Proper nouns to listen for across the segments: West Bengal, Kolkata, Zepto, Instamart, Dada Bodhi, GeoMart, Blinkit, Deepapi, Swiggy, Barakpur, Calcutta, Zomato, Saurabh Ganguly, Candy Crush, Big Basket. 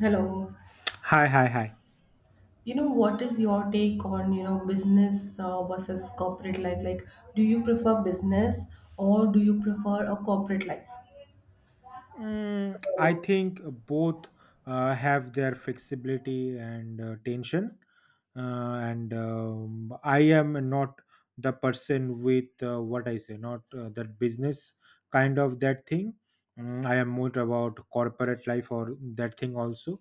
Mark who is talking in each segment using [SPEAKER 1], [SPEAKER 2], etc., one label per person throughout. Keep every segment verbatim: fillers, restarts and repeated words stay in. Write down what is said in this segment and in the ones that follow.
[SPEAKER 1] Hello.
[SPEAKER 2] Hi, hi, hi.
[SPEAKER 1] You know, what is your take on, you know, business uh, versus corporate life? Like, do you prefer business or do you prefer a corporate life?
[SPEAKER 2] Mm, I think both uh, have their flexibility and uh, tension. Uh, and um, I am not the person with uh, what I say, not uh, that business kind of that thing. Mm, I am more about corporate life or that thing also.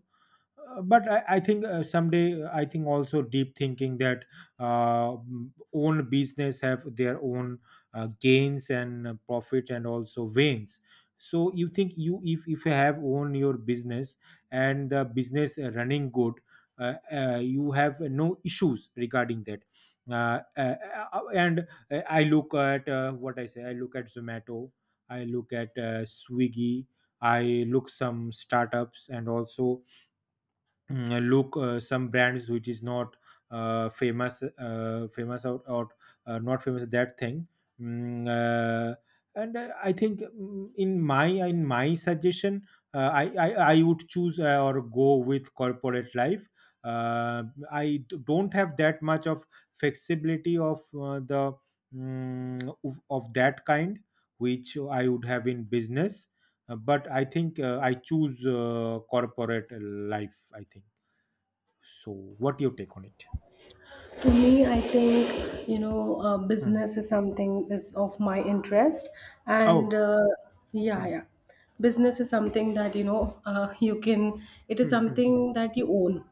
[SPEAKER 2] Uh, but I, I think uh, someday uh, I think also deep thinking that uh, m- own business have their own uh, gains and uh, profit and also veins. So you think you if if you have own your business and the business uh, running good. Uh, uh, you have no issues regarding that. Uh, uh, uh, uh, and uh, I look at uh, what I say. I look at Zomato. I look at uh, Swiggy. I look some startups and also mm, uh, look uh, some brands which is not uh, famous uh, famous or, or uh, not famous that thing. Mm, uh, and uh, i think, mm, in my in my suggestion, uh, I, I i would choose uh, or go with corporate life. Uh, i d- don't have that much of flexibility of uh, the mm, of, of that kind which i would have in business. Uh, but i think uh, i choose uh, corporate life, I think. So, what your take on it?
[SPEAKER 1] To me, I think you know uh,
[SPEAKER 2] Hmm.
[SPEAKER 1] business is something is of my interest, and
[SPEAKER 2] Oh.
[SPEAKER 1] uh, yeah,
[SPEAKER 2] Hmm,
[SPEAKER 1] yeah, business is something that you know uh, you can. It is
[SPEAKER 2] hmm, hmm, hmm.
[SPEAKER 1] something that you own.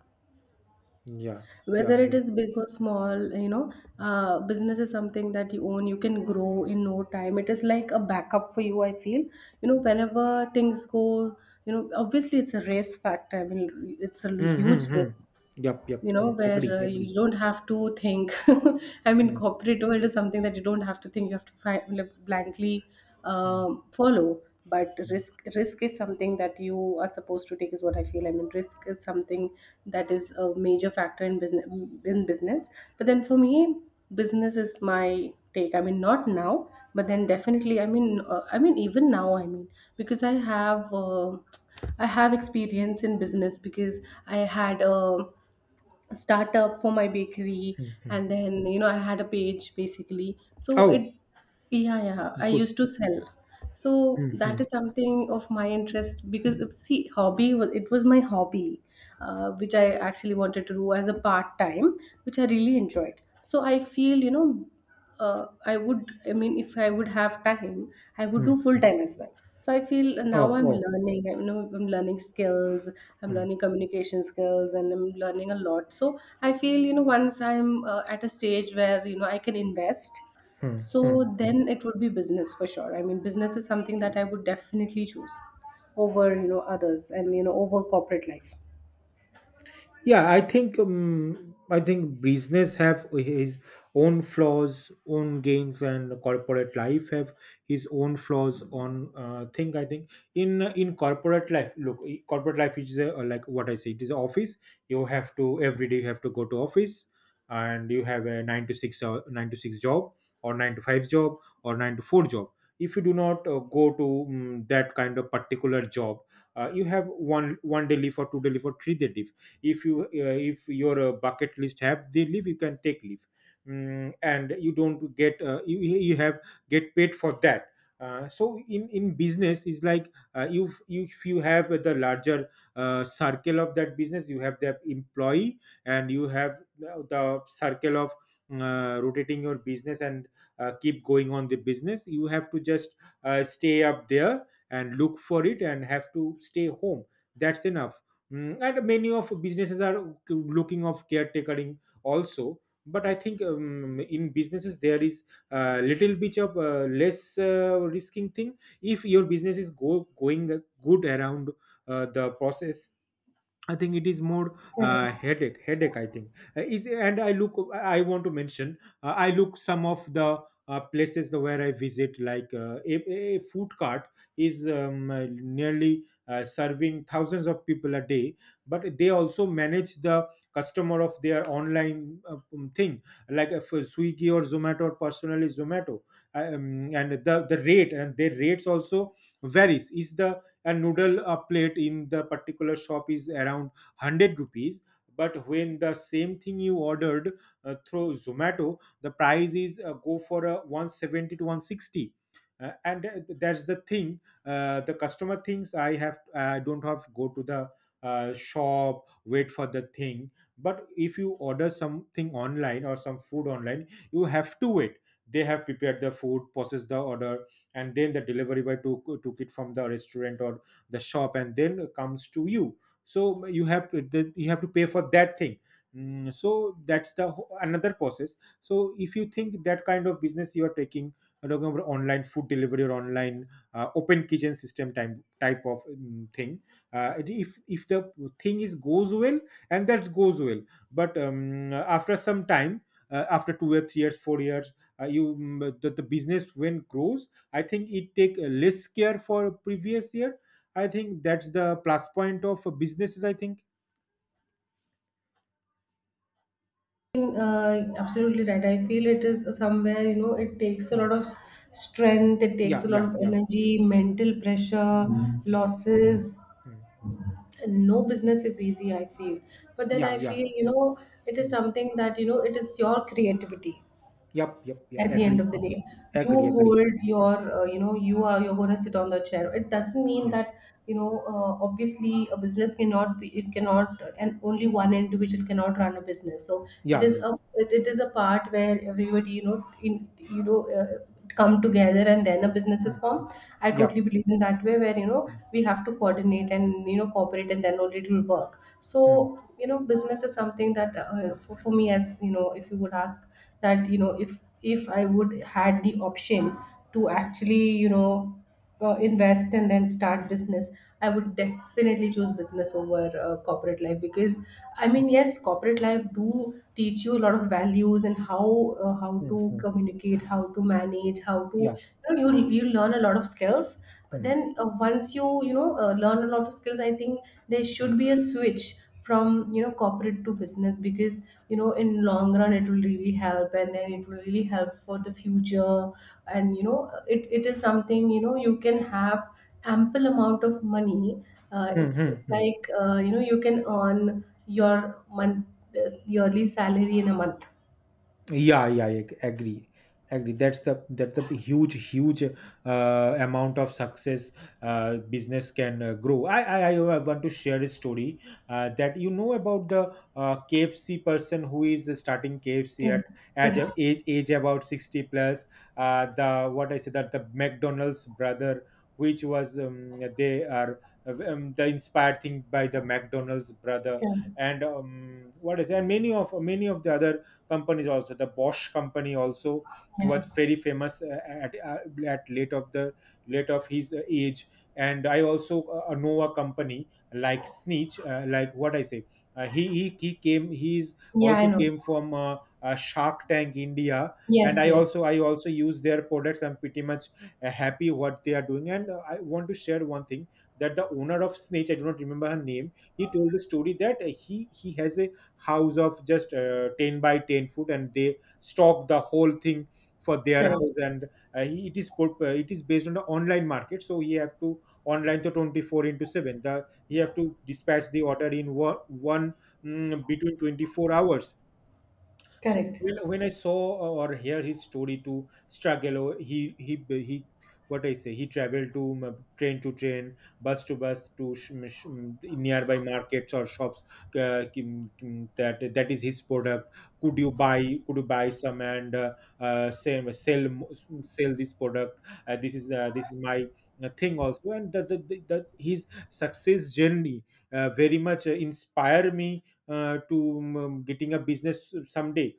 [SPEAKER 2] Yeah,
[SPEAKER 1] Whether
[SPEAKER 2] yeah,
[SPEAKER 1] it
[SPEAKER 2] yeah.
[SPEAKER 1] is big or small, you know uh, business is something that you own. You can grow in no time. It is like a backup for you, I feel, you know whenever things go. You know obviously, it's a race factor. I mean, it's a
[SPEAKER 2] Hmm, hmm,
[SPEAKER 1] huge
[SPEAKER 2] hmm.
[SPEAKER 1] risk
[SPEAKER 2] Yep,
[SPEAKER 1] you
[SPEAKER 2] yep.
[SPEAKER 1] know
[SPEAKER 2] Hmm.
[SPEAKER 1] where
[SPEAKER 2] Agree,
[SPEAKER 1] uh,
[SPEAKER 2] agree.
[SPEAKER 1] you don't have to think. I mean,
[SPEAKER 2] Hmm,
[SPEAKER 1] corporate world is something that you don't have to think. You have to fi- like, blankly
[SPEAKER 2] hmm,
[SPEAKER 1] um, follow. But risk risk is something that you are supposed to take, is what I feel. I mean, risk is something that is a major factor in business, in business but then for me, business is my take. I mean, not now, but then definitely. I mean uh, i mean even now, I mean, because i have uh, i have experience in business, because I had a startup for my bakery.
[SPEAKER 2] hmm, hmm.
[SPEAKER 1] And then, you know I had a page basically, so it
[SPEAKER 2] Oh,
[SPEAKER 1] yeah yeah, I
[SPEAKER 2] good.
[SPEAKER 1] used to sell. So
[SPEAKER 2] Hmm,
[SPEAKER 1] that
[SPEAKER 2] hmm,
[SPEAKER 1] is something of my interest because, uh, see, hobby was it was my hobby uh, which I actually wanted to do as a part time, which I really enjoyed. So I feel, you know uh, I would, I mean, if I would have time, I would
[SPEAKER 2] hmm,
[SPEAKER 1] do full
[SPEAKER 2] hmm.
[SPEAKER 1] time as well. So I feel now
[SPEAKER 2] Oh,
[SPEAKER 1] I'm
[SPEAKER 2] oh.
[SPEAKER 1] learning, I know I'm learning skills, I'm
[SPEAKER 2] Hmm,
[SPEAKER 1] learning communication skills, and I'm learning a lot. So I feel, you know, once I'm uh, at a stage where, you know, I can invest,
[SPEAKER 2] hmm, hmm,
[SPEAKER 1] so
[SPEAKER 2] hmm.
[SPEAKER 1] then it would be business for sure. I mean, business is something that I would definitely choose over, you know, others, and, you know, over corporate life.
[SPEAKER 2] Yeah, I think um, I think business have his own flaws, own gains, and corporate life have his own flaws. On uh, thing, I think in in corporate life, look, i- corporate life is a, like what I say, it is office. You have to every day you have to go to office, and you have a nine to six or nine to six job, or nine to five job, or nine to four job. If you do not uh, go to um, that kind of particular job, uh, you have one one day leave or two day leave or three day leave. if you uh, if your uh, bucket list have the leave you can take leave. Mm, and you don't get uh, you, you have get paid for that. Uh, so in in business is like, uh, you if you have the larger uh, circle of that business, you have the employee, and you have the the circle of uh, rotating your business, and uh, keep going on the business. You have to just uh, stay up there and look for it and have to stay home. That's enough. Mm, and many of businesses are k- looking of caretakering also. But i think um, in businesses there is a little bit of uh, less uh, risking thing if your business is go, going good around uh, the process. I think it is more
[SPEAKER 1] Correct.
[SPEAKER 2] uh, headache. Headache, I think. Uh, is and I look. I want to mention. Uh, I look some of the uh, places the, where I visit, like uh, a, a food cart is um, uh, nearly uh, serving thousands of people a day, but they also manage the customer of their online uh, um, thing, like uh, for Swiggy or Zomato or personally Zomato. Uh, um, and the the rate and their rates also varies. Is the a noodle uh, plate in the particular shop is around 100 rupees, but when the same thing you ordered uh, through Zomato, the price is uh, go for a one seventy to one sixty. Uh, and uh, That's the thing. Uh, the customer thinks I have I don't have to go to the uh, shop, wait for the thing. But if you order something online or some food online, you have to wait. They have prepared the food, processed the order, and then the delivery boy took took it from the restaurant or the shop and then comes to you. So you have to the, you have to pay for that thing. Mm, so that's the ho- another process. So if you think that kind of business you are taking, I'm talking about online food delivery or online uh, open kitchen system time type of mm, thing. uh, if if the thing is goes well and that goes well. But um, after some time, uh, after two or three years four years, uh, you mm, the, the business when grows, I think it take uh, less care for previous year. I think that's the plus point of businesses. I think.
[SPEAKER 1] Uh, absolutely right. I feel it is somewhere, you know, it takes a
[SPEAKER 2] Hmm.
[SPEAKER 1] lot of s- strength, it takes a
[SPEAKER 2] Yeah,
[SPEAKER 1] lot
[SPEAKER 2] yeah,
[SPEAKER 1] of
[SPEAKER 2] yeah.
[SPEAKER 1] energy, mental pressure,
[SPEAKER 2] Hmm.
[SPEAKER 1] losses.
[SPEAKER 2] Hmm.
[SPEAKER 1] No business is easy, I feel. But then
[SPEAKER 2] Yeah,
[SPEAKER 1] I
[SPEAKER 2] yeah.
[SPEAKER 1] feel, you know, it is
[SPEAKER 2] Hmm.
[SPEAKER 1] something that, you know, it is your creativity
[SPEAKER 2] Yep, yep, yep.
[SPEAKER 1] at the end
[SPEAKER 2] Agree,
[SPEAKER 1] of the day. You
[SPEAKER 2] agree, agree.
[SPEAKER 1] hold your uh, you know you are you're going to sit on the chair. It doesn't mean
[SPEAKER 2] Yeah,
[SPEAKER 1] that, you know uh, obviously a business cannot be, it cannot. And only one individual cannot run a business. So it
[SPEAKER 2] yeah,
[SPEAKER 1] is
[SPEAKER 2] yeah.
[SPEAKER 1] a it, it is a part where everybody, you know in, you know uh, come together, and then a business is
[SPEAKER 2] Hmm.
[SPEAKER 1] formed. I
[SPEAKER 2] Yep.
[SPEAKER 1] totally believe in that way, where, you know
[SPEAKER 2] Hmm.
[SPEAKER 1] we have to coordinate and, you know cooperate, and then only it will work.
[SPEAKER 2] Hmm.
[SPEAKER 1] So, you know business is something that, uh, for, for me, as, you know if you would ask that, you know if if I would had the option to actually, you know, uh, invest and then start business, I would definitely choose business over uh, corporate life. Because I mean, yes, corporate life do teach you a lot of values and how uh, how
[SPEAKER 2] Hmm.
[SPEAKER 1] to
[SPEAKER 2] Hmm.
[SPEAKER 1] communicate, how to manage, how to,
[SPEAKER 2] Yeah.
[SPEAKER 1] you know you you learn a lot of skills. But
[SPEAKER 2] Hmm.
[SPEAKER 1] then uh, once you, you know uh, learn a lot of skills, I think there
[SPEAKER 2] Hmm.
[SPEAKER 1] should be a switch from, you know corporate to business, because, you know in long run it will really help, and then it will really help for the future. And, you know it, it is something, you know you can have ample amount of money. uh,
[SPEAKER 2] Hmm.
[SPEAKER 1] it's
[SPEAKER 2] Hmm. Hmm.
[SPEAKER 1] like, uh, you know you can earn your month yearly salary in a month.
[SPEAKER 2] Yeah, yeah, I agree. Agree. That's the that's the huge, huge uh, amount of success uh, business can uh, grow. I, I I want to share a story uh, that you know about the uh, K F C person who is starting K F C at
[SPEAKER 1] Correct.
[SPEAKER 2] age
[SPEAKER 1] Correct.
[SPEAKER 2] age, age about sixty plus. Uh, the what I said that the McDonald's brother, which was um, they are um, the inspired thing by the McDonald's brother,
[SPEAKER 1] Correct.
[SPEAKER 2] and um, what is, and many of many of the other companies, also the Bosch company also,
[SPEAKER 1] Yeah,
[SPEAKER 2] was very famous uh, at, uh, at late of the late of his uh, age. And i also uh, know a company like Sneech, uh, like what i say. Uh, he, he he came. He's
[SPEAKER 1] yeah, I
[SPEAKER 2] also
[SPEAKER 1] know.
[SPEAKER 2] came from uh, uh, Shark Tank India. And
[SPEAKER 1] Yes,
[SPEAKER 2] i
[SPEAKER 1] yes.
[SPEAKER 2] also i also use their products. I'm pretty much uh, happy what they are doing, and uh, i want to share one thing that the owner of Snitch, i do not remember her name, he told a story that uh, he he has a house of just uh, ten by ten foot and they stock the whole thing for their
[SPEAKER 1] Correct.
[SPEAKER 2] house. And uh, he- it is put, uh, it is based on the online market, so he have to online to twenty four into seven, the he have to dispatch the order in one, one mm, between twenty four hours. So
[SPEAKER 1] Correct.
[SPEAKER 2] when, when I saw or hear his story to struggle, or he he he, what I say, he traveled to um, train to train, bus to bus to sh- um, sh- um, nearby markets or shops. Uh, kim- kim- that that is his product. Could you buy? Could you buy some and uh, uh, sell sell mo- sell this product? Uh, this is uh, this is my uh, thing also, and that that that that his success journey uh, very much uh, inspire me uh, to um, getting a business someday.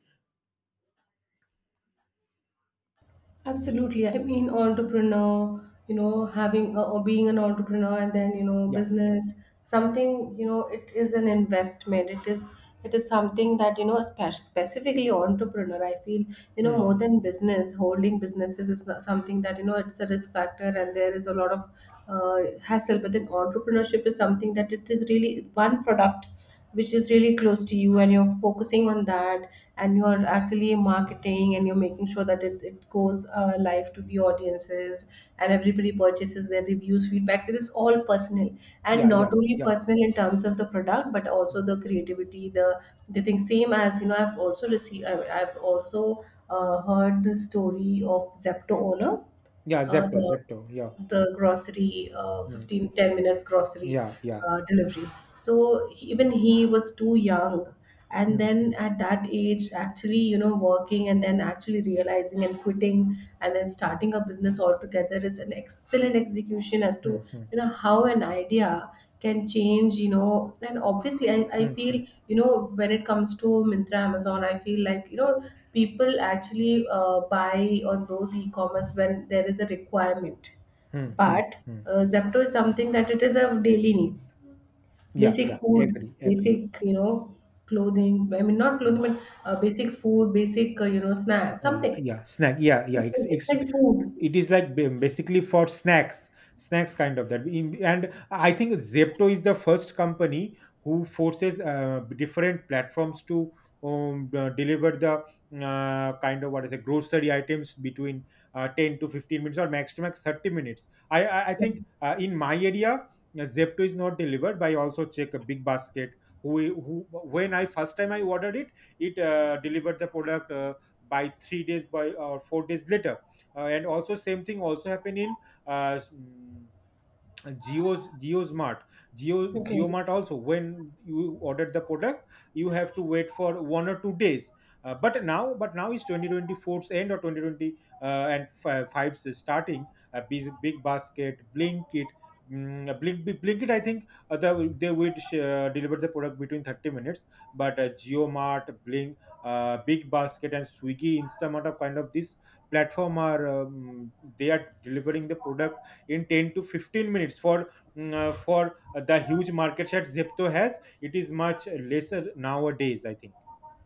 [SPEAKER 1] Absolutely. I mean, entrepreneur, you know, having uh, or being an entrepreneur, and then, you know,
[SPEAKER 2] Yeah, yeah.
[SPEAKER 1] business, something, you know, it is an investment. It is it is something that, you know, spe- specifically entrepreneur, I feel, you know, more
[SPEAKER 2] Mm-hmm.
[SPEAKER 1] than business, holding businesses is not something that, you know, it's a risk factor, and there is a lot of uh, hassle. But then entrepreneurship is something that it is really one product, which is really close to you, and you're focusing on that, and you're actually marketing, and you're making sure that it, it goes uh, live to the audiences, and everybody purchases their reviews, feedbacks. It is all personal, and
[SPEAKER 2] Yeah, yeah,
[SPEAKER 1] not only
[SPEAKER 2] yeah.
[SPEAKER 1] personal in terms of the product, but also
[SPEAKER 2] Mm.
[SPEAKER 1] the creativity, the the thing, same as, you know i've also received i've I've also uh, heard the story of Zepto owner,
[SPEAKER 2] Yeah,
[SPEAKER 1] uh,
[SPEAKER 2] Zepto,
[SPEAKER 1] the
[SPEAKER 2] Zepto. Yeah.
[SPEAKER 1] the grocery, uh,
[SPEAKER 2] Hmm.
[SPEAKER 1] fifteen ten minutes grocery
[SPEAKER 2] Yeah, yeah.
[SPEAKER 1] uh, delivery. So he- even he was too young. And
[SPEAKER 2] Hmm,
[SPEAKER 1] then
[SPEAKER 2] hmm.
[SPEAKER 1] at that age, actually, you know, working and then actually realizing and quitting and then starting a business altogether is an excellent execution as
[SPEAKER 2] Hmm,
[SPEAKER 1] to,
[SPEAKER 2] hmm.
[SPEAKER 1] you know, how an idea can change, you know. And obviously, I, I feel,
[SPEAKER 2] Mm-hmm.
[SPEAKER 1] you know, when it comes to Mintra Amazon, I feel like, you know, people actually uh, buy on those e commerce when there is a requirement. But
[SPEAKER 2] Mm-hmm.
[SPEAKER 1] uh, Zepto is something that it is of daily needs,
[SPEAKER 2] Yeah,
[SPEAKER 1] basic
[SPEAKER 2] yeah.
[SPEAKER 1] food,
[SPEAKER 2] Agree, agree.
[SPEAKER 1] basic, you know clothing. I mean, not
[SPEAKER 2] Hmm.
[SPEAKER 1] clothing, but uh, basic food, basic uh, you know snack,
[SPEAKER 2] Uh,
[SPEAKER 1] something.
[SPEAKER 2] yeah, snack. Yeah, yeah.
[SPEAKER 1] It's
[SPEAKER 2] It's,
[SPEAKER 1] like, it's
[SPEAKER 2] it's
[SPEAKER 1] like food.
[SPEAKER 2] it is like ba- basically for snacks, snacks kind of that. In, and I think Zepto is the first company who forces uh, different platforms to um, uh, deliver the uh, kind of what is it grocery items between uh, ten to fifteen minutes or max to max thirty minutes. I I, I think uh, in my area uh, Zepto is not delivered, but I also check a big basket. Who, who When I first time I ordered it, it uh, delivered the product. Uh, by three days by or four days later. Uh, and also same thing also happen in uh, mm, Geo's GeoSmart, Geo
[SPEAKER 1] Okay.
[SPEAKER 2] GeoMart also. When you ordered the product, you have to wait for one or two days. Uh, but now, but now is twenty twenty four's end or twenty twenty uh, and f- five's is starting. Uh, big, big basket, Blinkit, mm, uh, Blink, Blinkit. I think uh, the, they would sh- uh, deliver the product between thirty minutes. But uh, GeoMart, Blink, uh, Big Basket, and Swiggy, Instamart are kind of this platform, are um, they are delivering the product in ten to fifteen minutes. For mm, uh, for the huge market share Zepto has, it is much lesser nowadays, I think.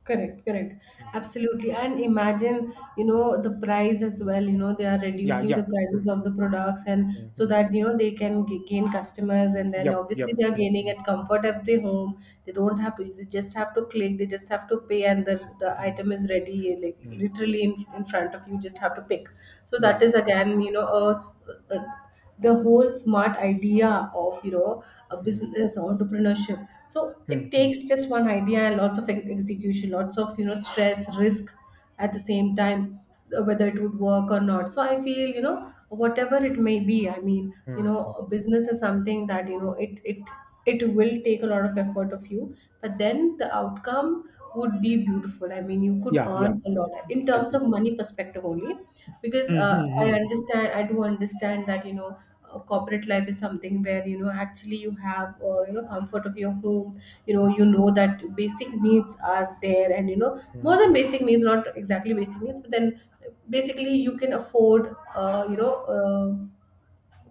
[SPEAKER 1] Correct, correct.
[SPEAKER 2] Mm.
[SPEAKER 1] Absolutely. And imagine, you know, the price as well, you know, they are
[SPEAKER 2] Yeah,
[SPEAKER 1] reducing
[SPEAKER 2] yeah.
[SPEAKER 1] the prices
[SPEAKER 2] Mm,
[SPEAKER 1] of
[SPEAKER 2] mm,
[SPEAKER 1] the products, and
[SPEAKER 2] mm,
[SPEAKER 1] so
[SPEAKER 2] mm.
[SPEAKER 1] that, you know, they can g- gain customers, and then
[SPEAKER 2] Yep, yep.
[SPEAKER 1] obviously they are gaining at comfort at the home. They don't have to, they just have to click, they just have to pay, and the, the
[SPEAKER 2] Mm, mm,
[SPEAKER 1] item is ready, like
[SPEAKER 2] mm, mm.
[SPEAKER 1] literally in, in front of you, just have to pick. So
[SPEAKER 2] Yeah.
[SPEAKER 1] that is again, you know, a, s- a the whole smart idea of you know a
[SPEAKER 2] Mm,
[SPEAKER 1] business entrepreneurship. So
[SPEAKER 2] mm,
[SPEAKER 1] it
[SPEAKER 2] mm,
[SPEAKER 1] takes just one idea and lots of ex- execution, lots of, you know stress, risk at the same time, uh, whether it would work or not. So I feel, you know whatever it may be, I mean, you
[SPEAKER 2] mm,
[SPEAKER 1] know
[SPEAKER 2] mm.
[SPEAKER 1] a business is something that, you know it it it will take a lot of effort of you, but then the outcome would be beautiful. I mean, you could
[SPEAKER 2] Yeah, yeah,
[SPEAKER 1] earn a lot in terms
[SPEAKER 2] agree.
[SPEAKER 1] of money perspective only, because,
[SPEAKER 2] Mm,
[SPEAKER 1] uh, i
[SPEAKER 2] mm,
[SPEAKER 1] understand I do understand that, you know uh, corporate life is something where, you know actually you have uh, you know comfort of your home. You know you know that basic needs are there, and, you know more
[SPEAKER 2] mm,
[SPEAKER 1] than
[SPEAKER 2] mm,
[SPEAKER 1] basic needs, not exactly basic needs, but then basically you can afford uh, you know uh,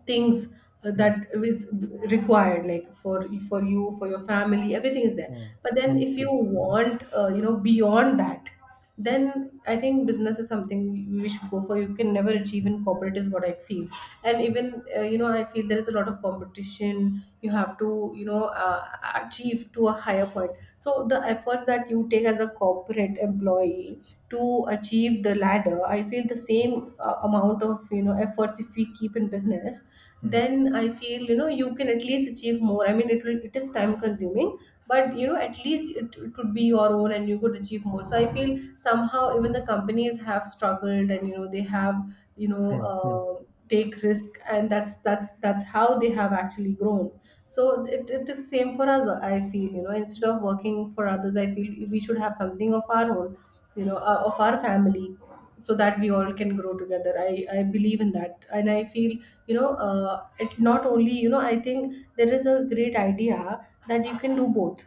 [SPEAKER 1] things uh,
[SPEAKER 2] mm, mm,
[SPEAKER 1] that is required, like for for you, for your family, everything is there. But then
[SPEAKER 2] mm,
[SPEAKER 1] if you
[SPEAKER 2] mm,
[SPEAKER 1] want, uh, you know beyond that, then I think business is something we should go for. You can never achieve
[SPEAKER 2] mm,
[SPEAKER 1] in corporate, is what I feel. And even, uh, you know I feel there is a lot of competition. You have to, you know uh, achieve to a higher point. So the efforts, steps that you take as a corporate employee to achieve the ladder, I feel the same uh, amount of, you know efforts, if we keep in business,
[SPEAKER 2] mm,
[SPEAKER 1] then I feel, you know you can at least achieve more. I mean, it will it is time consuming, but, you know at least it, it would be your own, and you could achieve more. So I feel somehow even the companies have struggled, and, you know they have, you know
[SPEAKER 2] mm, mm.
[SPEAKER 1] uh, take risk, and that's that's that's how they have actually grown. So it, it is same for us. I feel, you know instead of working for others, I feel we should have something of our own, you know, uh, of our family, so that we all can grow together. I I believe in that, and I feel, you know uh, it not only you know I think there is a great idea that you can do both.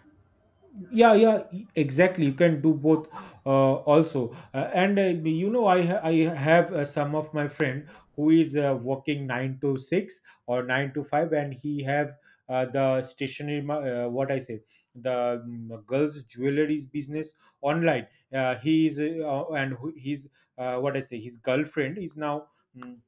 [SPEAKER 2] Yeah, yeah, e- exactly, you can do both. Uh, also, uh, and, uh, you know, i ha- i have uh, some of my friend who is uh, working nine to six, or nine to five, and he have uh, the stationery ma- uh, what I say, the um, girls jewelries business online. Uh, he is uh, and who- his, uh, what I say, his girlfriend is now, mm,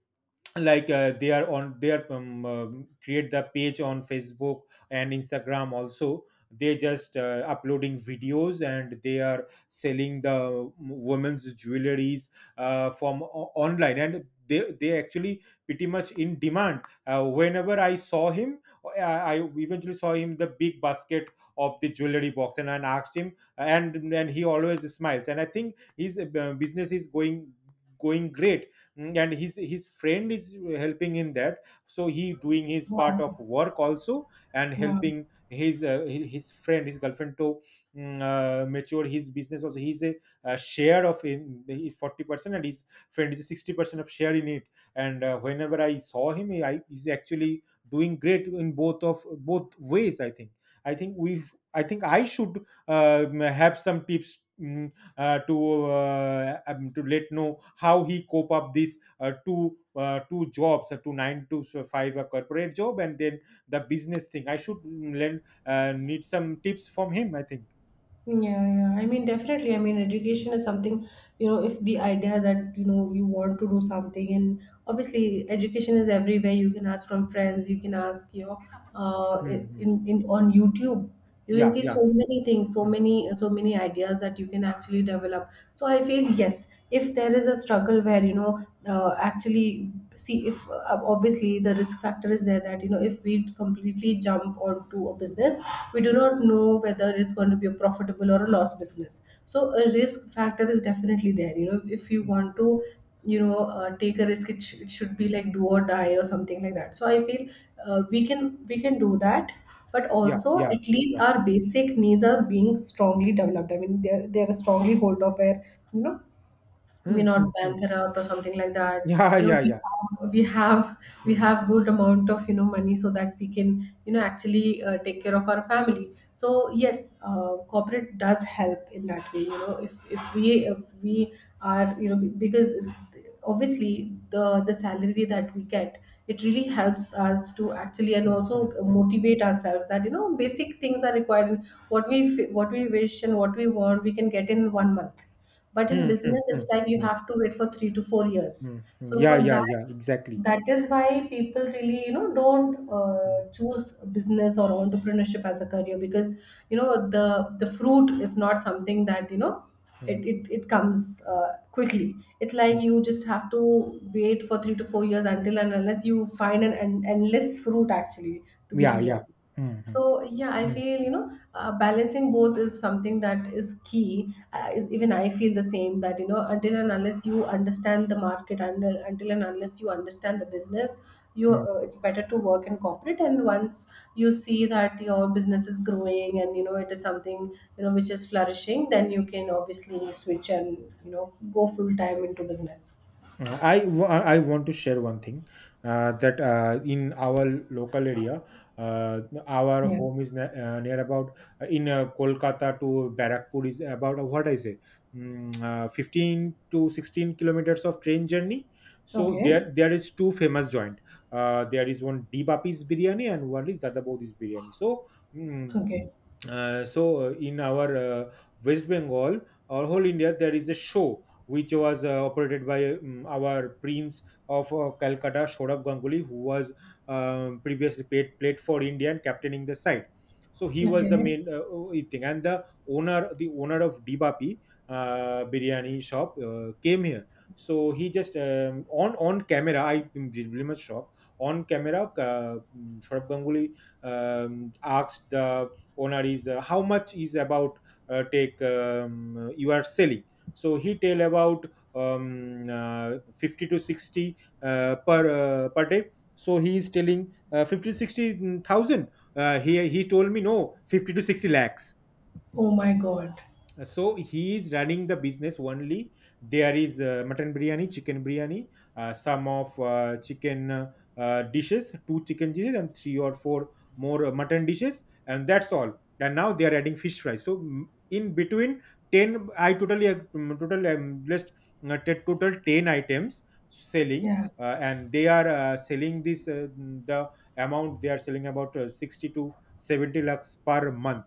[SPEAKER 2] like, uh, they are on, they are um, um, create the page on Facebook and Instagram also. They just uh, uploading videos, and they are selling the um, women's jewelries uh, from o- online, and they, they actually pretty much in demand. Uh, whenever I saw him, i I eventually saw him the big basket of the jewelry box, and I asked him, and and he always smiles, and I think his uh, business is going going great. Mm, and his his friend is helping in that, so he doing his part
[SPEAKER 1] Wow.
[SPEAKER 2] of work also, and
[SPEAKER 1] Wow.
[SPEAKER 2] helping his uh, hi- his friend, his girlfriend, to mm, uh, mature his business also. He's a, a share of in, he's forty percent and his friend is sixty percent of share in it. And uh, whenever I saw him, he I, he's actually doing great in both of both ways, I think. I think we I think I should um have some tips, mm, uh, to uh, um, to let know how he cope up these uh, two uh, two jobs, uh, two nine to five, a corporate job, and then the business thing. I should mm, learn, uh, need some tips from him, I think.
[SPEAKER 1] Yeah, yeah. I mean, definitely. I mean,
[SPEAKER 2] Mm,
[SPEAKER 1] education is something, you know, if the idea that, you know, you want to do something, and obviously, education is everywhere. You can ask from friends, you can ask, you know, uh,
[SPEAKER 2] mm,
[SPEAKER 1] in,
[SPEAKER 2] mm.
[SPEAKER 1] in in- on YouTube. You can
[SPEAKER 2] Yeah,
[SPEAKER 1] see so
[SPEAKER 2] yeah,
[SPEAKER 1] many things, so
[SPEAKER 2] mm,
[SPEAKER 1] many, so many ideas that you can actually develop. So I feel yes, if there is a struggle where you know uh, actually see if uh, obviously the risk factor is there, that you know if we completely jump onto a business, we do not know whether it's going to be a profitable or a loss business. So a risk factor is definitely there. You know, if you
[SPEAKER 2] mm.
[SPEAKER 1] want to you know uh, take a risk, it, sh- it should be like do or die or something like that. So I feel uh, we can we can do that, but
[SPEAKER 2] Yeah,
[SPEAKER 1] also
[SPEAKER 2] yeah,
[SPEAKER 1] at least
[SPEAKER 2] yeah.
[SPEAKER 1] our basic needs are being strongly developed. I mean, they're they're a strongly hold of where you know we
[SPEAKER 2] Mm,
[SPEAKER 1] not
[SPEAKER 2] mm, mm.
[SPEAKER 1] bankrupt or something like that.
[SPEAKER 2] Yeah,
[SPEAKER 1] You know,
[SPEAKER 2] yeah,
[SPEAKER 1] we
[SPEAKER 2] yeah.
[SPEAKER 1] have we have we
[SPEAKER 2] Mm,
[SPEAKER 1] have good amount of, you know, money, so that we can, you know, actually uh, take care of our family. So yes, uh, corporate does help in that way. You know, if if we if we are, you know, be- because obviously the the salary that we get, it really helps us to actually, and
[SPEAKER 2] mm,
[SPEAKER 1] also
[SPEAKER 2] mm, mm.
[SPEAKER 1] motivate ourselves that you know basic things are required. What we f- what we wish and what we want we can get in one month, but in
[SPEAKER 2] Mm, mm,
[SPEAKER 1] business,
[SPEAKER 2] mm,
[SPEAKER 1] it's
[SPEAKER 2] mm,
[SPEAKER 1] like you
[SPEAKER 2] mm,
[SPEAKER 1] have to wait for three to four years.
[SPEAKER 2] mm.
[SPEAKER 1] So
[SPEAKER 2] Yeah,
[SPEAKER 1] for that,
[SPEAKER 2] yeah, yeah, exactly.
[SPEAKER 1] that is why people really, you know, don't
[SPEAKER 2] Mm,
[SPEAKER 1] uh, choose business or entrepreneurship as a career because, you know, the the fruit is not something that, you know,
[SPEAKER 2] mm,
[SPEAKER 1] it, it, it comes uh, quickly. It's like
[SPEAKER 2] mm.
[SPEAKER 1] you just have to wait for three to four years until and unless you find an, an endless fruit actually, to be
[SPEAKER 2] Yeah,
[SPEAKER 1] really honest.
[SPEAKER 2] yeah. Hmm. Hmm.
[SPEAKER 1] So yeah, I
[SPEAKER 2] Hmm.
[SPEAKER 1] feel you know uh, balancing both is something that is key. Uh, is even I feel the same, that you know until and unless you understand the market, and until until and unless you understand the business, you
[SPEAKER 2] Mm.
[SPEAKER 1] uh, it's better to work in corporate. And once you see that your business is growing and you know it is something, you know, which is flourishing, then you can obviously switch and you know go full time into business.
[SPEAKER 2] I wa- I want to share one thing uh, that uh, in our local area, uh, our
[SPEAKER 1] Yeah.
[SPEAKER 2] home is ne- uh, near about, uh, in uh, Kolkata to Barakpur is about uh, what I say, mm, uh, fifteen to sixteen kilometers of train journey. So
[SPEAKER 1] Okay.
[SPEAKER 2] there there is two famous joint. Uh, there is one Deepapi's biryani and one is Dada Bodhi's biryani. So mm
[SPEAKER 1] Okay.
[SPEAKER 2] uh, so uh, in our uh, West Bengal or whole India, there is a show which was uh, operated by um, our prince of uh, Calcutta, Saurabh Ganguly, who was um, previously paid, played for India and captaining the side. So he was the
[SPEAKER 1] Okay.
[SPEAKER 2] main uh, uh, thing, and the owner, the owner of Dibapi uh, biryani shop, uh, came here. So he just um, on on camera. I am really much shocked. On camera, uh, Saurabh Ganguly um, asked the owner is uh, how much is about uh, take, um, you are selling, so he tell about um, uh, fifty to sixty uh, per uh, per day. So he is telling uh, fifty to sixty thousand. Uh, he he told me, no, fifty to sixty lakhs.
[SPEAKER 1] Oh my God.
[SPEAKER 2] So he is running the business. Only there is uh, mutton biryani, chicken biryani, uh, some of uh, chicken uh, uh, dishes, two chicken dishes and three or four more uh, mutton dishes, and that's all. And now they are adding fish fry. So mm, in between ten, I totally ag- mm, total um, list, uh, t- total ten items selling.
[SPEAKER 1] Yeah.
[SPEAKER 2] Uh, and they are uh, selling this, uh, mm, the amount they are selling about uh, sixty to seventy lakhs per month.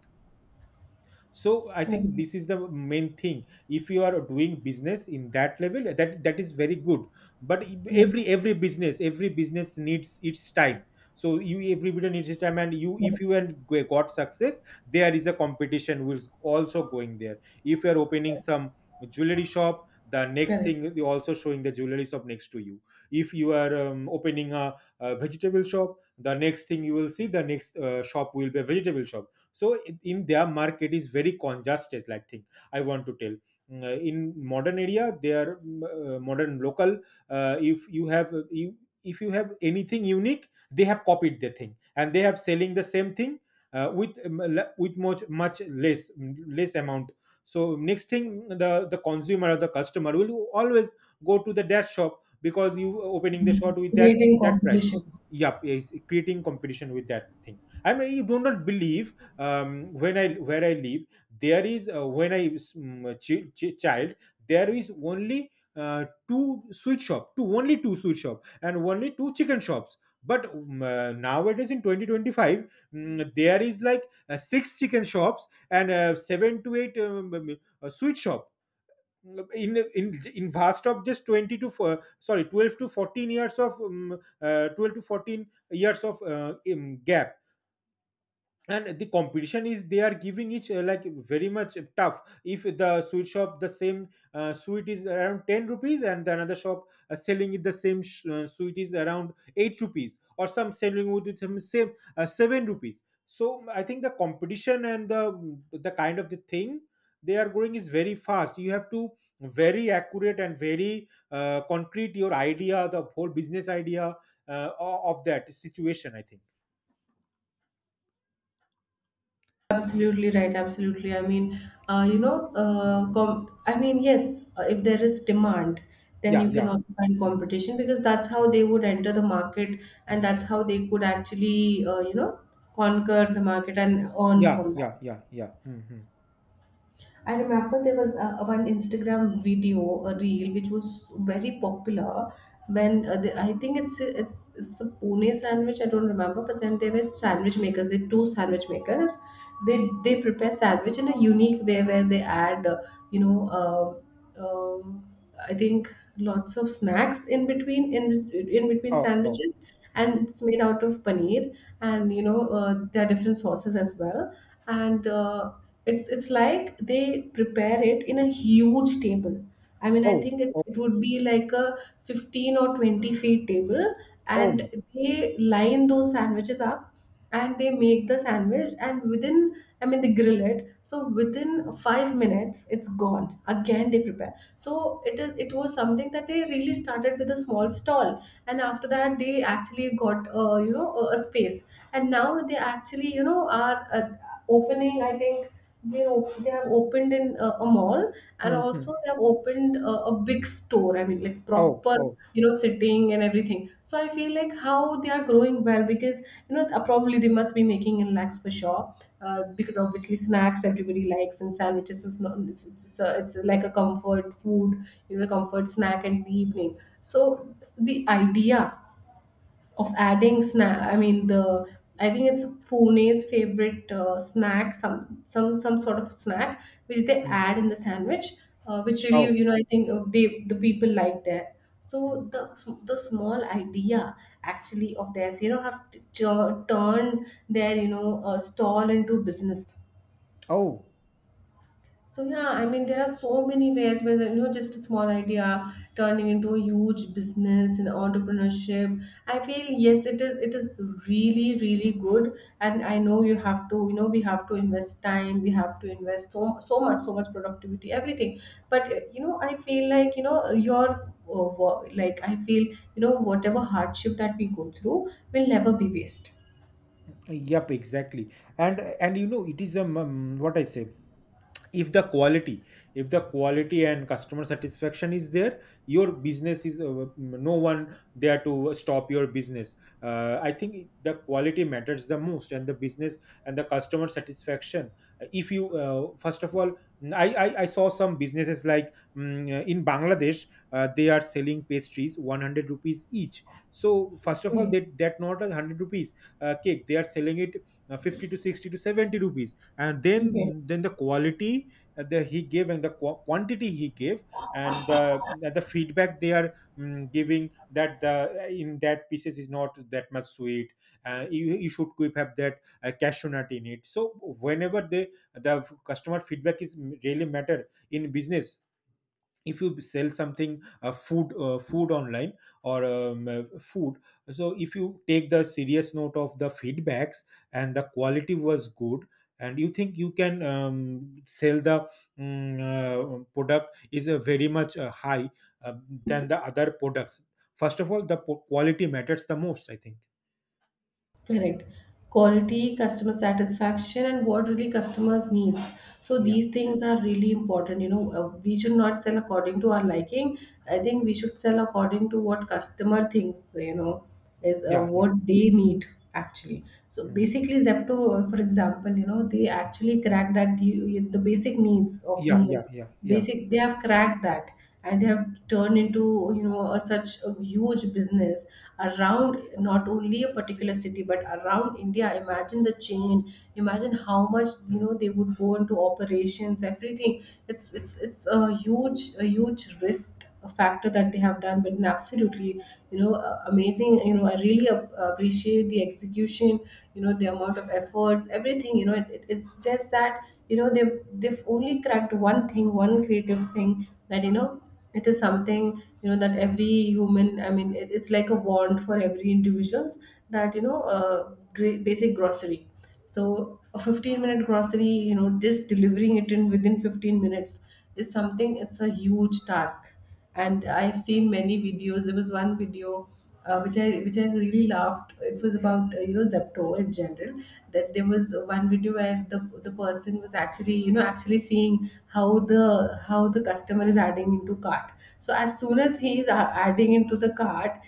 [SPEAKER 2] So I
[SPEAKER 1] Oh
[SPEAKER 2] think
[SPEAKER 1] my.
[SPEAKER 2] this is the main thing. If you are doing business in that level, that that is very good, but
[SPEAKER 1] Yeah.
[SPEAKER 2] every every business every business needs its time. So you everybody needs its time, and you if
[SPEAKER 1] Correct.
[SPEAKER 2] you and go- got success, there is a competition which is also going there. If you are opening some jewelry shop, the next
[SPEAKER 1] Correct.
[SPEAKER 2] thing you also showing the jewelry shop next to you. If you are um, opening a, a vegetable shop, the next thing you will see, the next uh, shop will be a vegetable shop. So in in their market is very congested, like thing I want to tell. Mm, uh, in modern area their mm, uh, modern local, uh, if you have uh, you, if you have anything unique, they have copied the thing and they have selling the same thing uh, with um, le- with much much less, mm, less amount. So next thing, mm, the the consumer or the customer will always go to the that shop because you uh, opening the shop with that
[SPEAKER 1] Creating
[SPEAKER 2] that price.
[SPEAKER 1] competition.
[SPEAKER 2] Yep, is creating competition with that thing, I mean. You do not believe, um, when I where I live, there is uh, when I was, mm, a chi- chi- child, there is only uh, two sweet shop, two only two sweet shop, and only two chicken shops. But mm, uh, nowadays in twenty twenty-five, mm, there is like uh, six chicken shops and uh, seven to eight um, um, uh, sweet shop. In in in vast of just twenty to four, sorry, twelve to fourteen years of um, uh, twelve to fourteen years of uh, um, gap. And the competition is, they are giving each uh, like very much tough. If the sweet shop the same uh, sweet is around ten rupees and the another shop uh, selling it the same sh- uh, sweet is around eight rupees, or some selling with it some same uh, seven rupees. So mm, I think the competition and the mm, the kind of the thing they are going is very fast. You have to very accurate and very uh, concrete your idea, the whole business idea, uh, o- of that situation, I think.
[SPEAKER 1] Absolutely right. Absolutely. I mean, uh, you know, uh,
[SPEAKER 2] Mhm.
[SPEAKER 1] com- I mean, yes, uh, if there is demand, then
[SPEAKER 2] Yeah,
[SPEAKER 1] you can
[SPEAKER 2] yeah.
[SPEAKER 1] also find
[SPEAKER 2] Mm.
[SPEAKER 1] competition, because that's how
[SPEAKER 2] Mm,
[SPEAKER 1] they would enter the market, and
[SPEAKER 2] mm.
[SPEAKER 1] that's how they could actually, uh, you know, conquer the market and earn
[SPEAKER 2] Yeah,
[SPEAKER 1] from that.
[SPEAKER 2] yeah, yeah, yeah. Mm-hmm.
[SPEAKER 1] I remember there was uh, one Instagram video, a reel, which was very popular when uh, the, I think it's it's it's a pune sandwich. I don't remember, but then there were sandwich makers. There were two sandwich makers. They they prepare sandwich in a unique way, where they add uh, you know uh, um I think lots of snacks in between, in in between
[SPEAKER 2] Oh, oh.
[SPEAKER 1] sandwiches,
[SPEAKER 2] Mm.
[SPEAKER 1] and it's made out of paneer, and you know uh, there are different sauces as well, and uh, it's it's like they prepare it in a huge table. I mean, I
[SPEAKER 2] Oh,
[SPEAKER 1] think it,
[SPEAKER 2] oh,
[SPEAKER 1] it would be like a fifteen or twenty feet table,
[SPEAKER 2] oh. my-
[SPEAKER 1] and they line those sandwiches up, and they make the sandwich, and within, I mean they grill it, so within five minutes it's gone, again they prepare. So it is, it was something that they really started with a small stall, and after that they actually got, uh, you know, a a space, and now they actually, you know, are uh, opening, I think, they op- they have opened in uh, a mall, and
[SPEAKER 2] Mm-hmm.
[SPEAKER 1] also they have opened uh, a big store, I mean like
[SPEAKER 2] Oh,
[SPEAKER 1] proper,
[SPEAKER 2] oh.
[SPEAKER 1] you know, sitting and everything. So I feel like how they are growing well, because you know uh, probably they must be making in lakhs for sure. Uh, because obviously snacks everybody likes, and sandwiches is not, it's, it's, it's, a, it's like a comfort food, you know, comfort snack in the evening. So the idea of adding snack, I mean, the I think it's Pune's favorite uh, snack, some some some sort of snack which they
[SPEAKER 2] Mm.
[SPEAKER 1] add in the sandwich, uh, which really
[SPEAKER 2] Oh.
[SPEAKER 1] you know I think uh, they the people like that.
[SPEAKER 2] Mm.
[SPEAKER 1] So the the small idea actually of theirs, you know, have t- tur- turned their, you know, uh, stall into business.
[SPEAKER 2] Oh.
[SPEAKER 1] So yeah, I mean there are so many ways where, you know, just a small idea turning into a huge business and entrepreneurship. I feel yes, it is it is really really good, and I know you have to, you know, we have to invest time, we have to invest so so much so much productivity, everything. But uh, you know, I feel like you know your uh, wo- like I feel you know whatever hardship that we go through will never be waste.
[SPEAKER 2] Yep, exactly. And and you know, it is um, um, what I say. if the quality if the quality and customer satisfaction is there, your business is, uh, no one there to stop your business. uh, I think the quality matters the most, and the business and the customer satisfaction. If you, uh, first of all, I, I i saw some businesses like, mm, uh, in Bangladesh, uh, they are selling pastries one hundred rupees each. So first of all,
[SPEAKER 1] Okay.
[SPEAKER 2] that that not a one hundred rupees uh, cake, they are selling it uh, fifty to sixty to seventy rupees, and
[SPEAKER 1] Okay.
[SPEAKER 2] then then the quality uh, that he gave, and the qu- quantity he gave, and uh, the feedback they are mm, giving that the, uh, in that pieces is not that much sweet. Uh, you, you should keep have that uh, cashew nut in it. So whenever they, the customer feedback is really matter in business. If you sell something uh, food, uh, food online, or um, uh, food, so if you take the serious note of the feedbacks and the quality was good, and you think you can um, sell the, um, uh, product is a very much uh, high, uh, than the other products, first of all the po- quality matters the most, I think.
[SPEAKER 1] Correct. Quality, customer satisfaction, and what really customers needs. So
[SPEAKER 2] Yeah,
[SPEAKER 1] these things are really important. You know, uh, we should not sell according to our liking. I think we should sell according to what customer thinks. You know, is uh,
[SPEAKER 2] yeah, yeah.
[SPEAKER 1] what they need actually. So
[SPEAKER 2] Mm.
[SPEAKER 1] basically, Zepto, uh, for example, you know, they actually crack that the, the basic needs of
[SPEAKER 2] Yeah, yeah,
[SPEAKER 1] human.
[SPEAKER 2] yeah, yeah.
[SPEAKER 1] Basic, they have cracked that, and they have turned into, you know, a, such a huge business around not only a particular city, but around india. Imagine the chain, imagine how much, you
[SPEAKER 2] Mm.
[SPEAKER 1] know, they would go into operations, everything. It's it's it's a huge, a huge risk, a factor, that they have done, but an absolutely, you know, uh, amazing, you know, I really ap- appreciate the execution, you know, the amount of efforts, everything, you know. It, it- it's just that you know they've they've only cracked one thing, one creative thing, that you know it is something, you know, that every human, I mean, it, it's like a wand for every individuals, that you know uh, great basic grocery. So a fifteen minute grocery, you know, just delivering it in within fifteen minutes is something, it's a huge task. And I've seen many videos. There was one video uh, which I which I really loved. It was about uh, you know Zepto in general. That there was one video where the the person was actually, you know, actually seeing how the how the customer is adding into cart. So as soon as he is a- adding into the cart,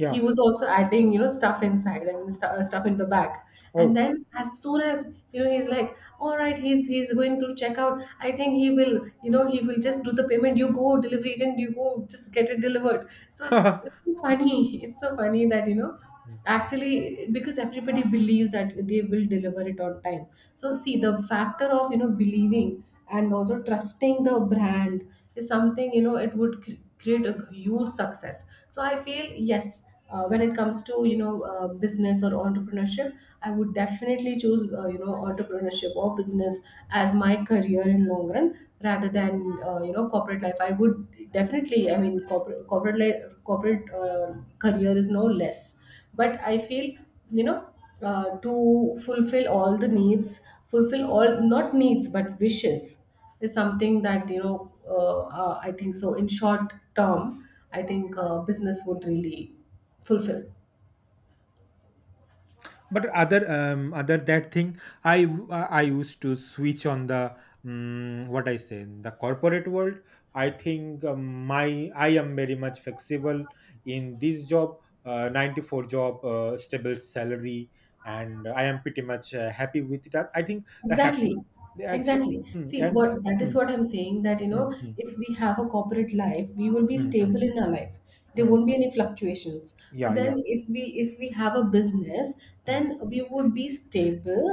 [SPEAKER 1] he was also adding, you know, stuff inside. I mean, stu- uh, stuff in the bag, and
[SPEAKER 2] Oh.
[SPEAKER 1] then, as soon as, you know, he's like, all right, he's he's going to check out, I think he will, you know, he will just do the payment, you go delivery agent, you go just get it delivered. So it's so funny, it's so funny, that you know, actually, because everybody believes that they will deliver it on time. So see the factor of, you know, believing, and also trusting the brand, is something, you know, it would cre- create a huge success. So I feel, yes, uh, when it comes to, you know, uh, business or entrepreneurship, I would definitely choose, uh, you know, entrepreneurship or business as my career in long run, rather than uh, you know, corporate life. I would definitely, I mean, corporate, corporate life, corporate uh, career is no less, but I feel, you know, uh, to fulfill all the needs, fulfill all not needs but wishes, is something that you know, uh, uh, I think so in short term, I think uh, business would really fulfill.
[SPEAKER 2] But other um, other that thing, I w- I I used to switch on the, um, what I say, the corporate world. I think um, my I am very much flexible in this job, uh, ninety-four job, uh, stable salary, and I am pretty much uh, happy with it. I I think the
[SPEAKER 1] Exactly.
[SPEAKER 2] happy. I think.
[SPEAKER 1] Exactly.
[SPEAKER 2] Mm,
[SPEAKER 1] See,
[SPEAKER 2] and
[SPEAKER 1] what that is
[SPEAKER 2] mm,
[SPEAKER 1] what I'm saying, that you know
[SPEAKER 2] mm, mm,
[SPEAKER 1] if we have a corporate life we will be
[SPEAKER 2] mm, mm,
[SPEAKER 1] stable in our life, there
[SPEAKER 2] mm.
[SPEAKER 1] won't be any fluctuations. But
[SPEAKER 2] Yeah, yeah.
[SPEAKER 1] then if we if we have a business,
[SPEAKER 2] Mm,
[SPEAKER 1] then we would be stable,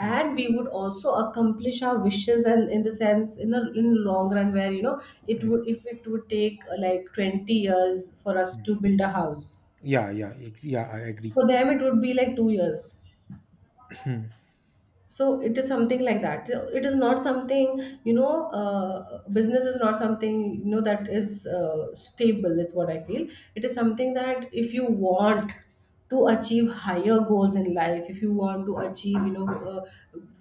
[SPEAKER 2] mm,
[SPEAKER 1] and we would also accomplish our wishes, and in the sense, in a, in long run, where you know it
[SPEAKER 2] mm,
[SPEAKER 1] would, if it would take uh, like twenty years for us
[SPEAKER 2] mm.
[SPEAKER 1] to build a house,
[SPEAKER 2] Yeah, yeah, ex- yeah, I agree.
[SPEAKER 1] for them it would be like two years. So it is something like that. So it is not something, you know, uh, business is not something, you know, that is uh, stable, is what I feel. It is something that if you want to achieve higher goals in life, if you want to achieve, you know, uh,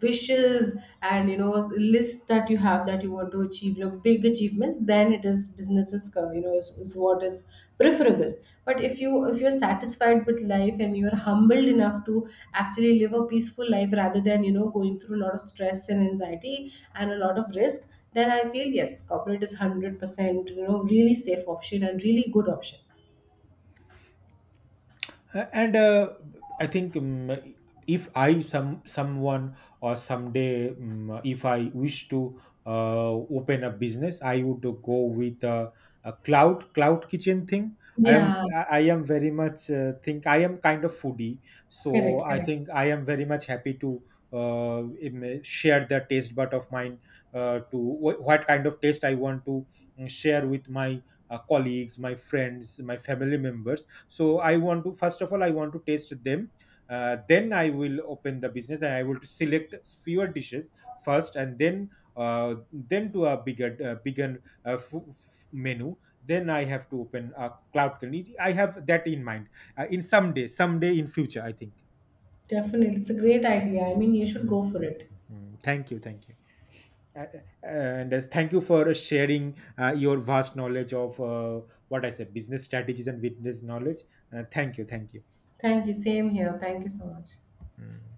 [SPEAKER 1] wishes, and you know, list that you have that you want to achieve, you know, big achievements, then it is businesses, co- you know, is, is what is preferable. But if you if you're satisfied with life, and you're humbled enough to actually live a peaceful life rather than, you know, going through a lot of stress and anxiety and a lot of risk, then I feel, yes, corporate is one hundred percent you know really safe option and really good option.
[SPEAKER 2] Uh, and uh, I think um, if I some someone or someday, um, if I wish to uh, open a business, I would go with uh, a cloud cloud kitchen thing. i am
[SPEAKER 1] Yeah.
[SPEAKER 2] i I am very much uh, think I am kind of foodie, so
[SPEAKER 1] Correct.
[SPEAKER 2] I
[SPEAKER 1] Correct.
[SPEAKER 2] think I am very much happy to uh, im- share the taste bud of mine, uh, to wh- what kind of taste I want to mm, share with my uh, colleagues, my friends, my family members. So I want to first of all I want to taste them. Uh, then I will open the business, and I will select fewer dishes first, and then uh, then to a bigger, uh, bigger uh, f- f- menu. Then I have to open a cloud community. I have that in mind, uh, in someday someday in future, I think.
[SPEAKER 1] Definitely, it's a great idea, I mean, you should
[SPEAKER 2] Mm,
[SPEAKER 1] go for it.
[SPEAKER 2] mm. Thank you, thank you. Uh, and uh, Thank you for sharing uh, your vast knowledge of, uh, what I said, business strategies and business knowledge. Uh, thank you, thank you.
[SPEAKER 1] Thank you, same here, thank you so much.
[SPEAKER 2] Mm.